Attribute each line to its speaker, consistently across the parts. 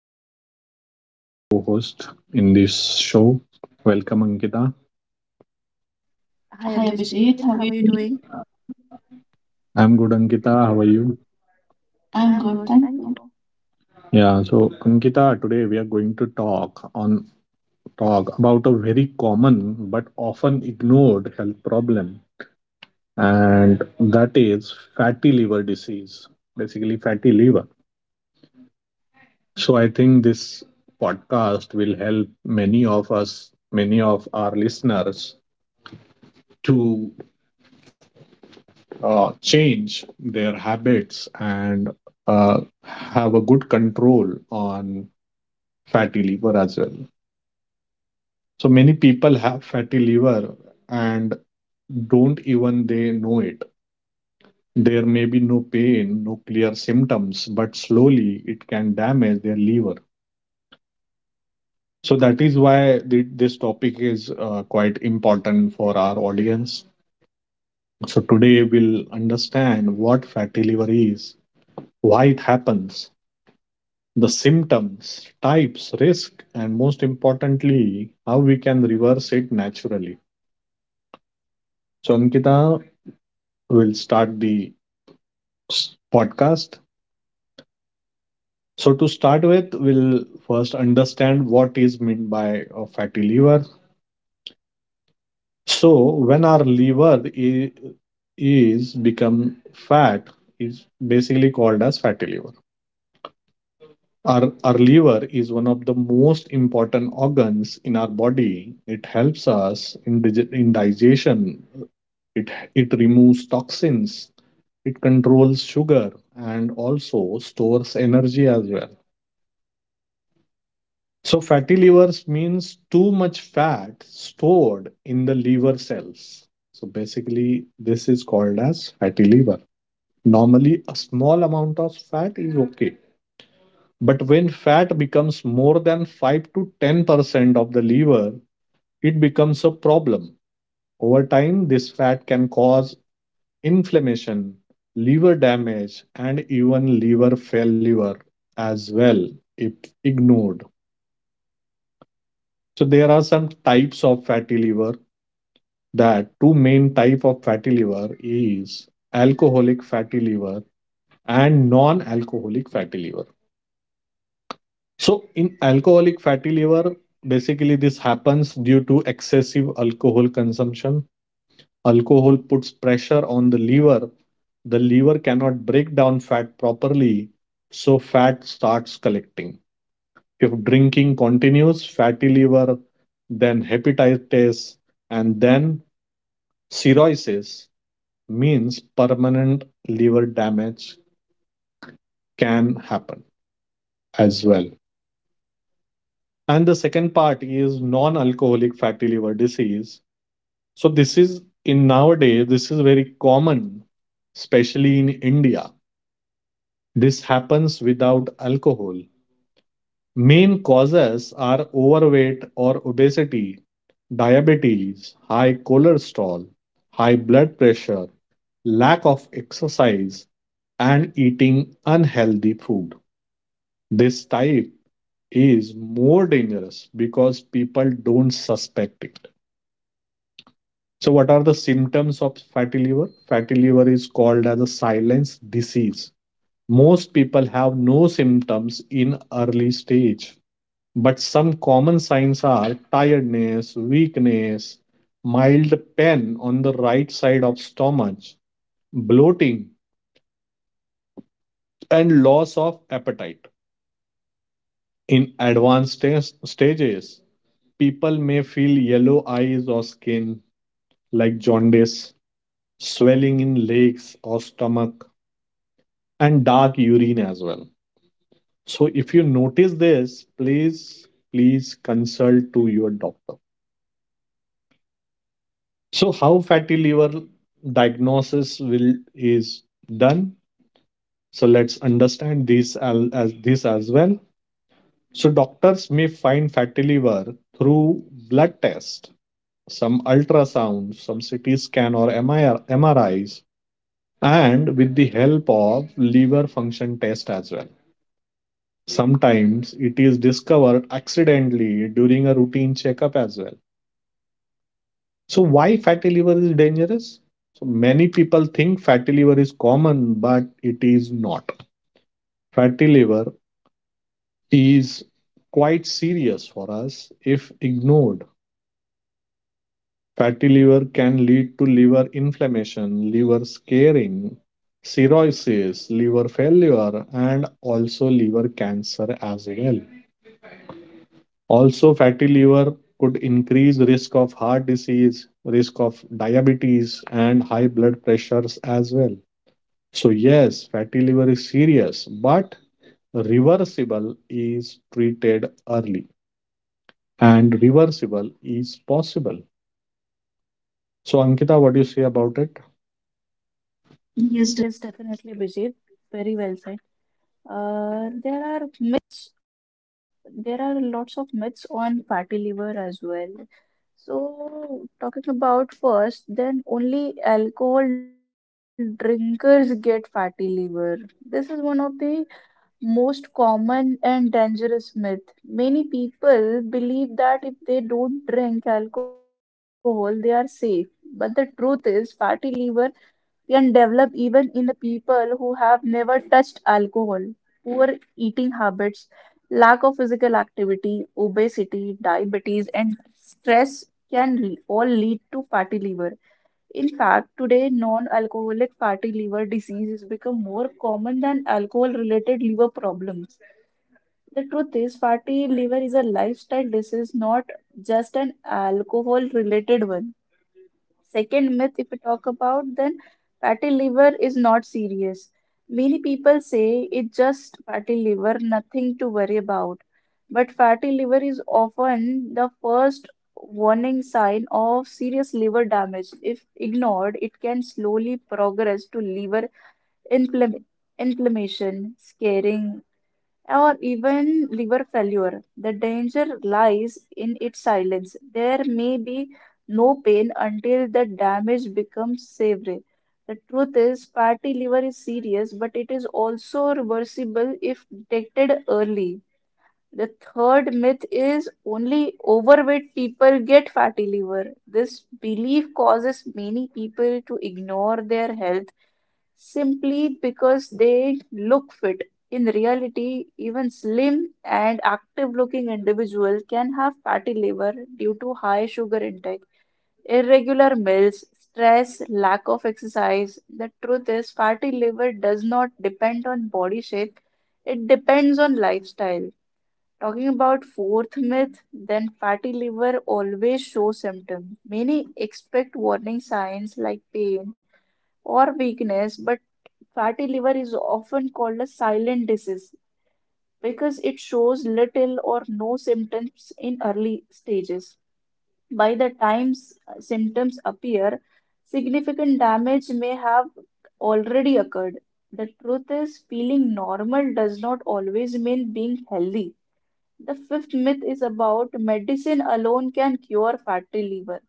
Speaker 1: Would like to welcome my co host in this show. Welcome, Ankita. Hi Abhijit, how are you doing?
Speaker 2: Hi Abhijit, how are you doing?
Speaker 1: I'm good, Ankita. How are you? I'm good, thank you.
Speaker 2: I'm good,
Speaker 1: Yeah,
Speaker 2: thank
Speaker 1: so
Speaker 2: you.
Speaker 1: Ankita, today we are going to talk about a very common but often ignored health problem, and that is fatty liver disease. Basically, fatty liver. So I think this podcast will help many of us, many of our listeners, to change their habits and have a good control on fatty liver as well. So many people have fatty liver and don't even they know it. There may be no pain, no clear symptoms, but slowly it can damage their liver. So that is why this topic is quite important for our audience. So today we'll understand what fatty liver is, why it happens, the symptoms, types, risk, and most importantly, how we can reverse it naturally. So Ankita will start the podcast. So to start with, we'll first understand what is meant by a fatty liver. So when our liver is become fat is basically called as fatty liver. Our liver is one of the most important organs in our body. It helps us in digestion. It removes toxins. It controls sugar and also stores energy as well. So, fatty livers means too much fat stored in the liver cells. So, basically, this is called as fatty liver. Normally, a small amount of fat is okay. But when fat becomes more than 5 to 10% of the liver, it becomes a problem. Over time, this fat can cause inflammation, liver damage, and even liver failure as well if ignored. So, there are some types of fatty liver, that two main type of fatty liver is alcoholic fatty liver and non-alcoholic fatty liver. So in alcoholic fatty liver, basically happens due to excessive alcohol consumption. Alcohol puts pressure on the liver. The liver cannot break down fat properly, so fat starts collecting. If drinking continues, fatty liver, then hepatitis, and then cirrhosis, means permanent liver damage can happen as well. And the second part is non-alcoholic fatty liver disease. So this is in nowadays this is very common, especially in India. This happens without alcohol. Main causes are overweight or obesity, diabetes, high cholesterol, high blood pressure, lack of exercise, and eating unhealthy food. This type is more dangerous because people don't suspect it. So, what are the symptoms of fatty liver? Fatty liver is called as a silence disease. Most people have no symptoms in early stage, but some common signs are tiredness, weakness, mild pain on the right side of stomach, bloating, and loss of appetite. In advanced stages, people may feel yellow eyes or skin, like jaundice, swelling in legs or stomach, and dark urine as well. So, if you notice this, please, please consult to your doctor. So, how fatty liver diagnosis will is done? So, let's understand this as well. So, doctors may find fatty liver through blood test, some ultrasound, some CT scan or MRIs, and with the help of liver function test as well. Sometimes it is discovered accidentally during a routine checkup as well. So why fatty liver is dangerous? So many people think fatty liver is common, but it is not. Fatty liver is quite serious for us if ignored. Fatty liver can lead to liver inflammation, liver scarring, cirrhosis, liver failure, and also liver cancer as well. Also, fatty liver could increase risk of heart disease, risk of diabetes, and high blood pressures as well. So, yes, fatty liver is serious, but reversible is treated early, and reversible is possible. So, Ankita, what do you say about it? Yes.
Speaker 2: Yes, definitely Abhijit, very well said. There are myths, there are lots of myths on fatty liver as well. So, talking about first, then only alcohol drinkers get fatty liver. This is one of the most common and dangerous myth. Many people believe that if they don't drink alcohol, they are safe. But the truth is, fatty liver can develop even in the people who have never touched alcohol. Poor eating habits, lack of physical activity, obesity, diabetes, and stress can all lead to fatty liver. In fact, today non-alcoholic fatty liver disease has become more common than alcohol-related liver problems. The truth is, fatty liver is a lifestyle disease, not just an alcohol-related one. Second myth, if we talk about, then fatty liver is not serious. Many people say it's just fatty liver, nothing to worry about. But fatty liver is often the first warning sign of serious liver damage. If ignored, it can slowly progress to liver inflam- inflammation, scarring, or even liver failure. The danger lies in its silence. There may be no pain until the damage becomes severe. The truth is, fatty liver is serious, but it is also reversible if detected early. The third myth is only overweight people get fatty liver. This belief causes many people to ignore their health simply because they look fit. In reality, even slim and active looking individuals can have fatty liver due to high sugar intake, irregular meals, stress, lack of exercise. The truth is, fatty liver does not depend on body shape, it depends on lifestyle. Talking about fourth myth, then fatty liver always shows symptoms. Many expect warning signs like pain or weakness, but fatty liver is often called a silent disease because it shows little or no symptoms in early stages. By the time symptoms appear, significant damage may have already occurred. The truth is, feeling normal does not always mean being healthy. The fifth myth is about medicine alone can cure fatty liver.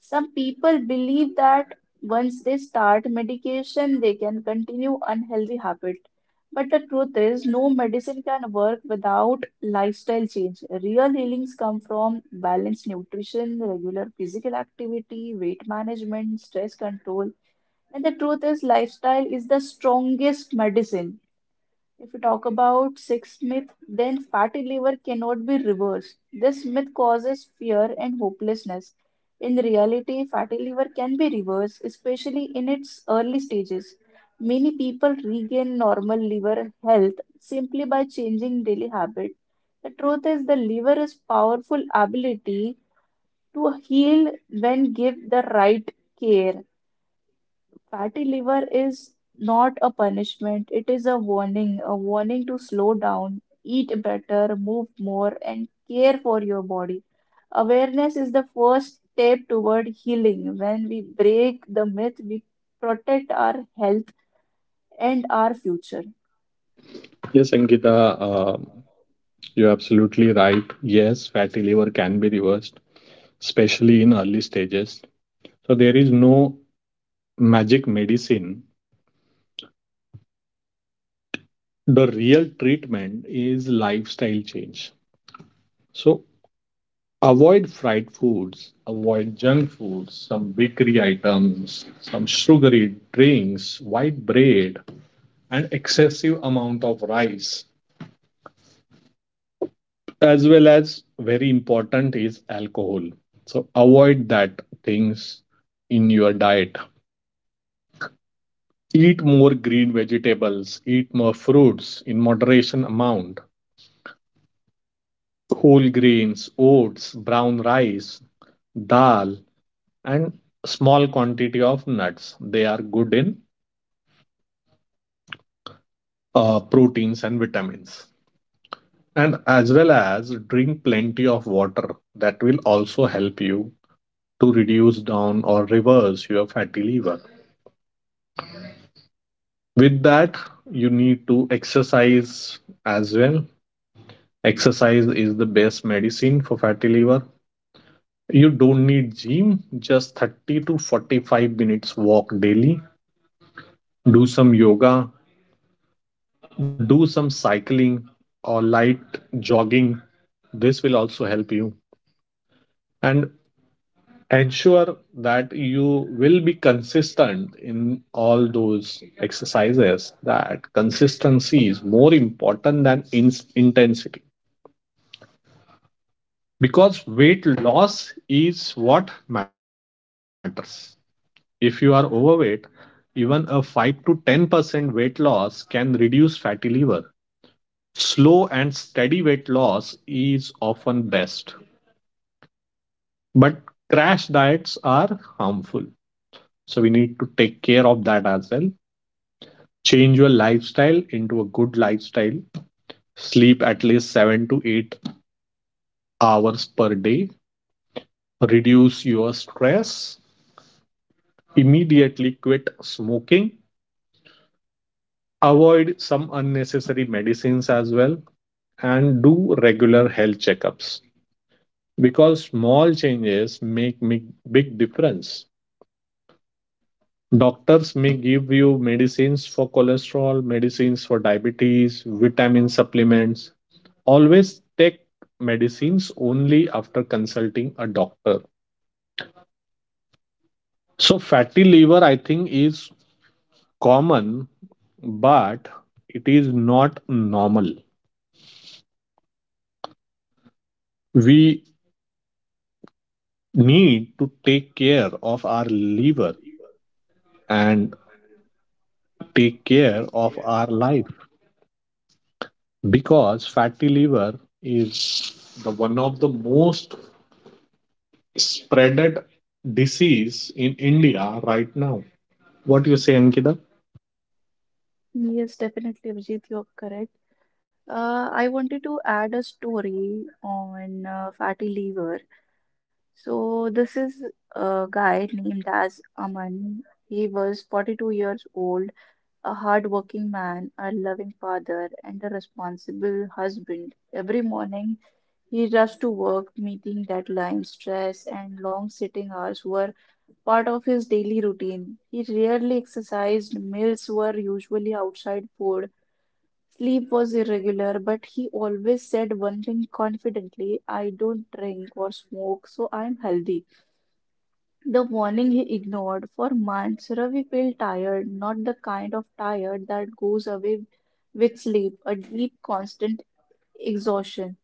Speaker 2: Some people believe that once they start medication, they can continue unhealthy habit. But the truth is, no medicine can work without lifestyle change. Real healings come from balanced nutrition, regular physical activity, weight management, stress control. And the truth is, lifestyle is the strongest medicine. If we talk about sixth myth, then fatty liver cannot be reversed. This myth causes fear and hopelessness. In reality, fatty liver can be reversed, especially in its early stages. Many people regain normal liver health simply by changing daily habit. The truth is the liver is powerful ability to heal when give the right care. Fatty liver is not a punishment, it is a warning to slow down, eat better, move more, and care for your body. Awareness is the first step toward healing. When we break the myth, we protect our health and our future.
Speaker 1: Yes, Ankita, um, you're absolutely right. Yes, fatty liver can be reversed, especially in early stages. So there is no magic medicine. The real treatment is lifestyle change. So avoid fried foods, avoid junk foods, some bakery items, some sugary drinks, white bread, and excessive amount of rice, as well as very important is alcohol. So avoid that things in your diet. Eat more green vegetables, eat more fruits in moderation amount, whole grains, oats, brown rice, dal, and small quantity of nuts. They are good in proteins and vitamins. And as well as drink plenty of water, that will also help you to reduce down or reverse your fatty liver. With that, you need to exercise as well. Exercise is the best medicine for fatty liver. You don't need gym, just 30 to 45 minutes walk daily. Do some yoga, do some cycling, or light jogging. This will also help you, and ensure that you will be consistent in all those exercises. That consistency is more important than intensity, because weight loss is what matters. If you are overweight, even a 5 to 10% weight loss can reduce fatty liver. Slow and steady weight loss is often best, but crash diets are harmful. So we need to take care of as well. Change your lifestyle into a good lifestyle. Sleep at least 7 to 8 hours per day. Reduce your stress. Immediately quit smoking, avoid some unnecessary medicines as well, and do regular health checkups, because small changes make big difference. Doctors may give you medicines for cholesterol, medicines for diabetes, vitamin supplements. Always take medicines only after consulting a doctor. So fatty liver, I think, is common, but it is not normal. We need to take care of our liver, and take care of our life, because fatty liver is the one of the most spreaded disease in India right now. What you say, Ankita?
Speaker 2: Yes, definitely, Abhijit, you're correct. I wanted to add a story on fatty liver. So this is a guy named as Aman. He was 42 years old, a hardworking man, a loving father, and a responsible husband. Every morning he rushed to work, meeting deadlines, stress, and long sitting hours were part of his daily routine. He rarely exercised, meals were usually outside food. Sleep was irregular, but he always said one thing confidently, "I don't drink or smoke, so I'm healthy." The warning he ignored. For months, Ravi felt tired, not the kind of tired that goes away with sleep, a deep, constant exhaustion.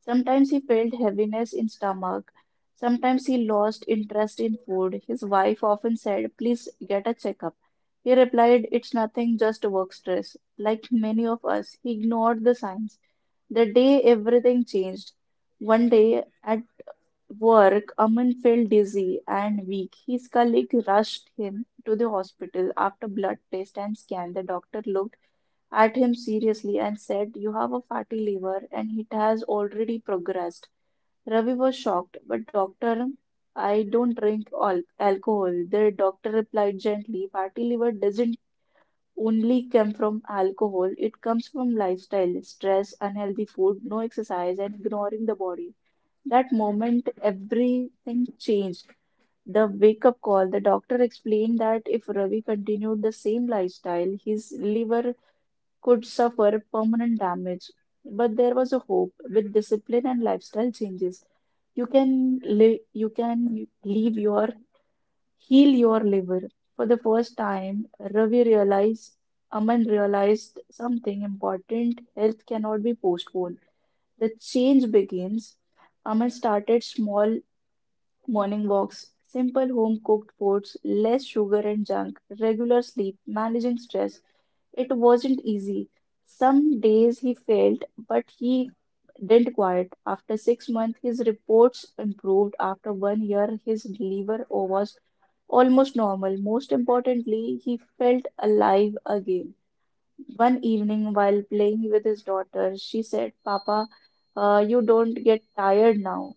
Speaker 2: Sometimes he felt heaviness in stomach. Sometimes he lost interest in food. His wife often said, "Please get a checkup." He replied, "It's nothing, just work stress." Like many of us, he ignored the signs. The day everything changed. One day, at work, Aman felt dizzy and weak. His colleague rushed him to the hospital. After blood test and scan, the doctor looked at him seriously and said, "You have a fatty liver and it has already progressed." Ravi was shocked, "but doctor, I don't drink alcohol." The doctor replied gently, "Fatty liver doesn't only come from alcohol, it comes from lifestyle, stress, unhealthy food, no exercise, and ignoring the body." That moment, everything changed. The wake up call, the doctor explained that if Ravi continued the same lifestyle, his liver could suffer permanent damage. But there was a hope. With discipline and lifestyle changes, you can live, you can leave your, heal your liver. For the first time, Aman realized something important. Health cannot be postponed. The change begins. Aman started small. Morning walks, simple home cooked foods, less sugar and junk, regular sleep, managing stress. It wasn't easy. Some days he failed, but he didn't quit. After 6 months, his reports improved. After one year, his liver was almost normal. Most importantly, he felt alive again. One evening, while playing with his daughter, she said, "Papa, you don't get tired now."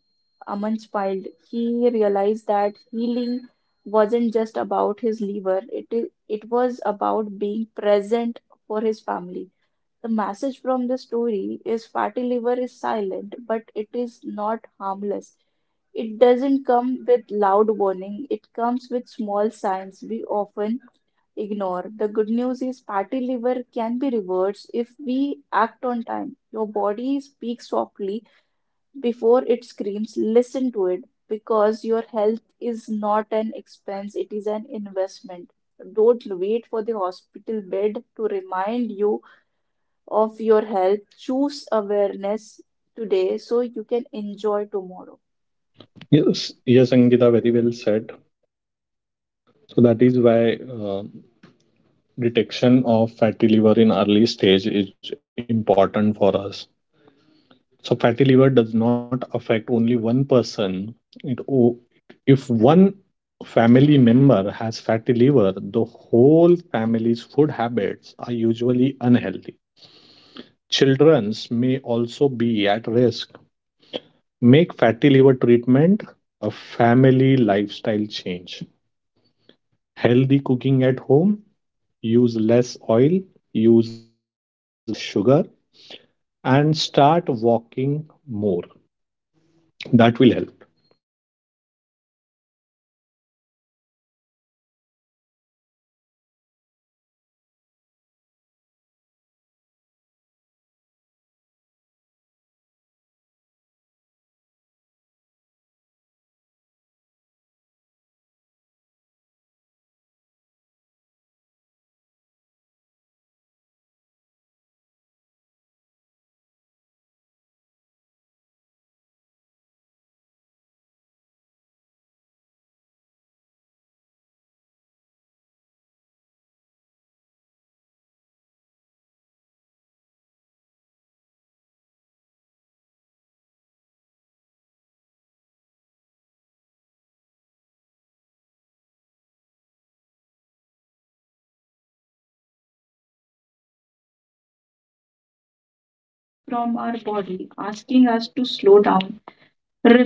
Speaker 2: Aman smiled. He realized that healing wasn't just about his liver, it was about being present for his family. The message from the story is fatty liver is silent, but it is not harmless. It doesn't come with loud warning, it comes with small signs we often ignore. The good news is fatty liver can be reversed if we act on time. Your body speaks softly before it screams. Listen to it because your health is not an expense, it is an investment. Don't wait for the hospital bed to remind you of your health. Choose awareness today so you can enjoy tomorrow.
Speaker 1: Yes. Yes, Ankita, very well said. So that is why detection of fatty liver in early stage is important for us. So fatty liver does not affect only one person. It o- if one family member has fatty liver, the whole family's food habits are usually unhealthy. Children's may also be at risk. Make fatty liver treatment a family lifestyle change. Healthy cooking at home, use less oil, use less sugar, and start walking more. That will help. Health improves faster when family supports you. So people get confused about fat as well. Yes,
Speaker 2: Yes,
Speaker 1: correct,
Speaker 2: correct,
Speaker 1: Abhijit.
Speaker 2: Abhijit.
Speaker 1: So,
Speaker 2: So,
Speaker 1: you know,
Speaker 2: you know, um
Speaker 1: fatty
Speaker 2: fatty
Speaker 1: liver
Speaker 2: liver
Speaker 1: does not
Speaker 2: does not
Speaker 1: happen
Speaker 2: happen
Speaker 1: overnight, and
Speaker 2: overnight, and
Speaker 1: neither
Speaker 2: neither
Speaker 1: does
Speaker 2: does
Speaker 1: healing.
Speaker 2: healing.
Speaker 1: It
Speaker 2: It
Speaker 1: is a
Speaker 2: is a
Speaker 1: slow
Speaker 2: slow
Speaker 1: process
Speaker 2: process
Speaker 1: shaped by
Speaker 2: shaped
Speaker 1: our
Speaker 2: by our
Speaker 1: daily
Speaker 2: daily
Speaker 1: habits,
Speaker 2: habits,
Speaker 1: choices,
Speaker 2: choices,
Speaker 1: and
Speaker 2: and
Speaker 1: awareness.
Speaker 2: awareness.
Speaker 1: Our
Speaker 2: Our
Speaker 1: liver
Speaker 2: liver
Speaker 1: works
Speaker 2: works
Speaker 1: silently
Speaker 2: silently
Speaker 1: every
Speaker 2: every
Speaker 1: moment
Speaker 2: moment
Speaker 1: of our
Speaker 2: of our
Speaker 1: lives.
Speaker 2: lives.
Speaker 1: It
Speaker 2: It
Speaker 1: cleans
Speaker 2: cleans our blood, supports digestion, stores energy, and protects us from toxins. Yet it is often the most ignored organ until it begins to suffer. Fatty liver is not just a medical condition, it is a message from our body asking
Speaker 1: us
Speaker 2: us
Speaker 1: to
Speaker 2: to
Speaker 1: slow
Speaker 2: slow down,
Speaker 1: down,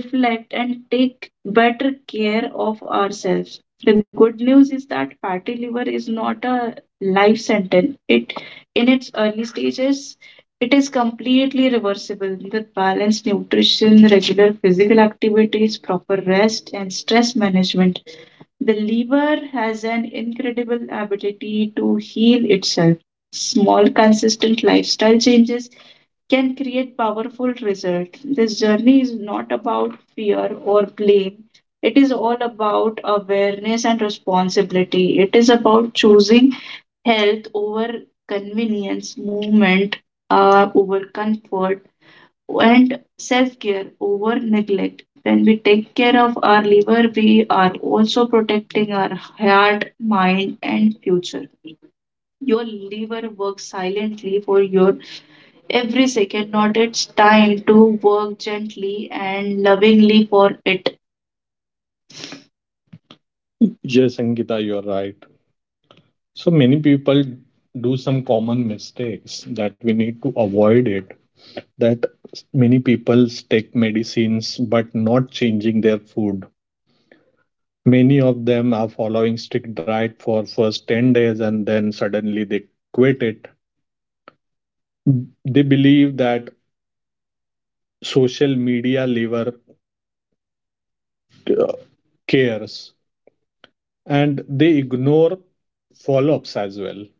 Speaker 1: reflect,
Speaker 2: reflect, and
Speaker 1: and
Speaker 2: take
Speaker 1: take better
Speaker 2: better
Speaker 1: care
Speaker 2: care
Speaker 1: of
Speaker 2: of
Speaker 1: ourselves.
Speaker 2: ourselves.
Speaker 1: The
Speaker 2: The good
Speaker 1: good
Speaker 2: news
Speaker 1: news is
Speaker 2: is that
Speaker 1: that party
Speaker 2: fatty
Speaker 1: is
Speaker 2: liver is not
Speaker 1: not
Speaker 2: a
Speaker 1: a
Speaker 2: life
Speaker 1: life
Speaker 2: sentence.
Speaker 1: sentence. It, in
Speaker 2: In its
Speaker 1: its
Speaker 2: early
Speaker 1: stages,
Speaker 2: stages, it
Speaker 1: it is
Speaker 2: is
Speaker 1: completely
Speaker 2: completely reversible
Speaker 1: reversible
Speaker 2: with
Speaker 1: with
Speaker 2: balanced
Speaker 1: balanced
Speaker 2: nutrition,
Speaker 1: nutrition,
Speaker 2: regular
Speaker 1: regular
Speaker 2: physical
Speaker 1: physical
Speaker 2: activities,
Speaker 1: activities, proper
Speaker 2: proper
Speaker 1: rest,
Speaker 2: rest,
Speaker 1: and
Speaker 2: and
Speaker 1: stress
Speaker 2: stress management.
Speaker 1: management. The
Speaker 2: The liver
Speaker 1: liver has
Speaker 2: has
Speaker 1: an
Speaker 2: an
Speaker 1: incredible
Speaker 2: incredible ability
Speaker 1: ability
Speaker 2: to
Speaker 1: to
Speaker 2: heal
Speaker 1: heal itself.
Speaker 2: itself.
Speaker 1: Small,
Speaker 2: Small,
Speaker 1: consistent
Speaker 2: consistent lifestyle
Speaker 1: lifestyle changes
Speaker 2: changes
Speaker 1: can
Speaker 2: can
Speaker 1: create
Speaker 2: create
Speaker 1: wonderful
Speaker 2: powerful
Speaker 1: result.
Speaker 2: results.
Speaker 1: This
Speaker 2: This
Speaker 1: journey
Speaker 2: journey
Speaker 1: is
Speaker 2: is
Speaker 1: not
Speaker 2: not about fear
Speaker 1: fear
Speaker 2: or
Speaker 1: or
Speaker 2: blame.
Speaker 1: blame. It
Speaker 2: It is
Speaker 1: is
Speaker 2: all
Speaker 1: all
Speaker 2: about
Speaker 1: about awareness
Speaker 2: awareness
Speaker 1: and
Speaker 2: and responsibility.
Speaker 1: responsibility.
Speaker 2: It
Speaker 1: It is
Speaker 2: is about
Speaker 1: about choosing
Speaker 2: health
Speaker 1: health over
Speaker 2: over convenience,
Speaker 1: convenience,
Speaker 2: movement
Speaker 1: movement
Speaker 2: over
Speaker 1: over
Speaker 2: comfort,
Speaker 1: comfort,
Speaker 2: and
Speaker 1: and
Speaker 2: self
Speaker 1: self
Speaker 2: care
Speaker 1: care
Speaker 2: over
Speaker 1: over
Speaker 2: neglect.
Speaker 1: neglect.
Speaker 2: When
Speaker 1: When
Speaker 2: we
Speaker 1: we
Speaker 2: take
Speaker 1: take
Speaker 2: care
Speaker 1: care
Speaker 2: of
Speaker 1: of our liver, we are also protecting our heart, mind, and future. Your liver works silently for your every second, not its time to work gently and lovingly for it. Yes, Ankita, you are right. So many people do some common mistakes that we need to avoid it. That many people take medicines but not changing their food. Many of them are following strict diet for first 10 days and then suddenly they quit it. They believe that social media lever uh, cares and they ignore follow-ups as well.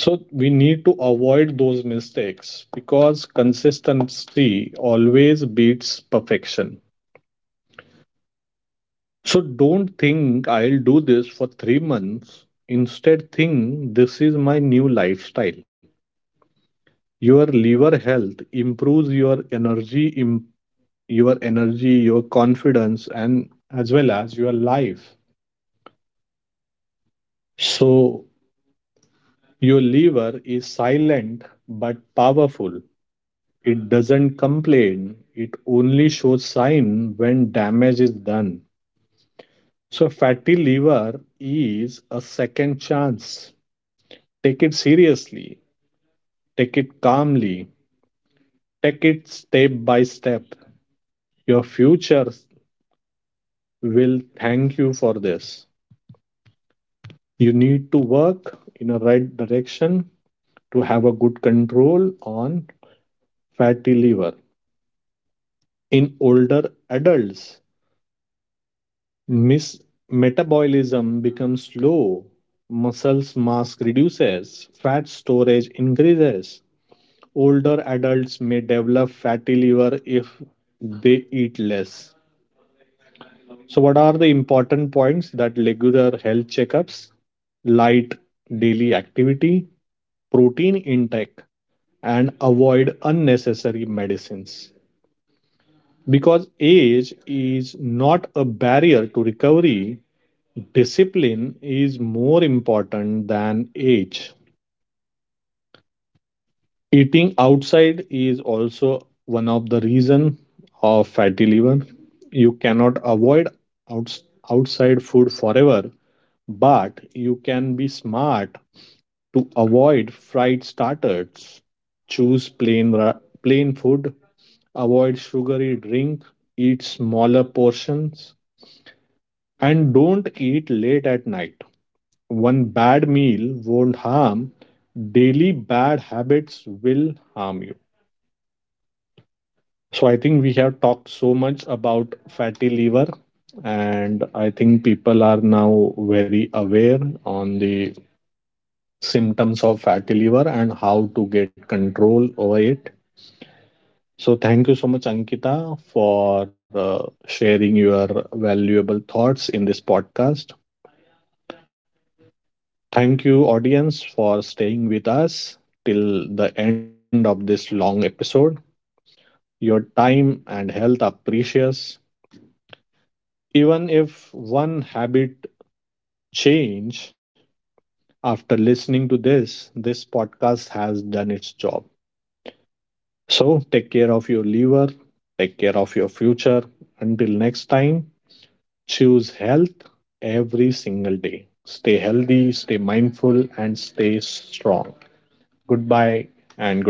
Speaker 1: So we need to avoid those mistakes because consistency always beats perfection. So don't think I'll do this for 3 months. Instead, think this is my new lifestyle. Your liver health improves your energy, your energy, your confidence, and as well as your life. So your liver is silent but powerful. It doesn't complain, it only shows sign when damage is done. So, fatty liver is a second chance. Take it seriously, take it calmly, take it step by step. Your future will thank you for this. You need to work in a right direction to have a good control on fatty liver. In older adults, Mis- metabolism becomes slow, muscles mass reduces, fat storage increases. Older adults may develop fatty liver if they eat less. So, what are the important points? That regular health checkups, light daily activity, protein intake, and avoid unnecessary medicines? Because age is not a barrier to recovery, discipline is more important than age. Eating outside is also one of the reason of fatty liver. You cannot avoid outs- outside food forever, but you can be smart to avoid fried starters. Choose plain food, avoid sugary drink, eat smaller portions, and don't eat late at night. One bad meal won't harm, daily bad habits will harm you. So I think we have talked so much about fatty liver, and I think people are now very aware on the symptoms of fatty liver and how to get control over it. So thank you so much, Ankita, for sharing your valuable thoughts in this podcast. Thank you, audience, for staying with us till the end of this long episode. Your time and health are precious. Even if one habit change after listening to this podcast has done its job. So take care of your liver, take care of your future. Until next time, choose health every single day. Stay healthy, stay mindful, and stay strong. Goodbye and good night.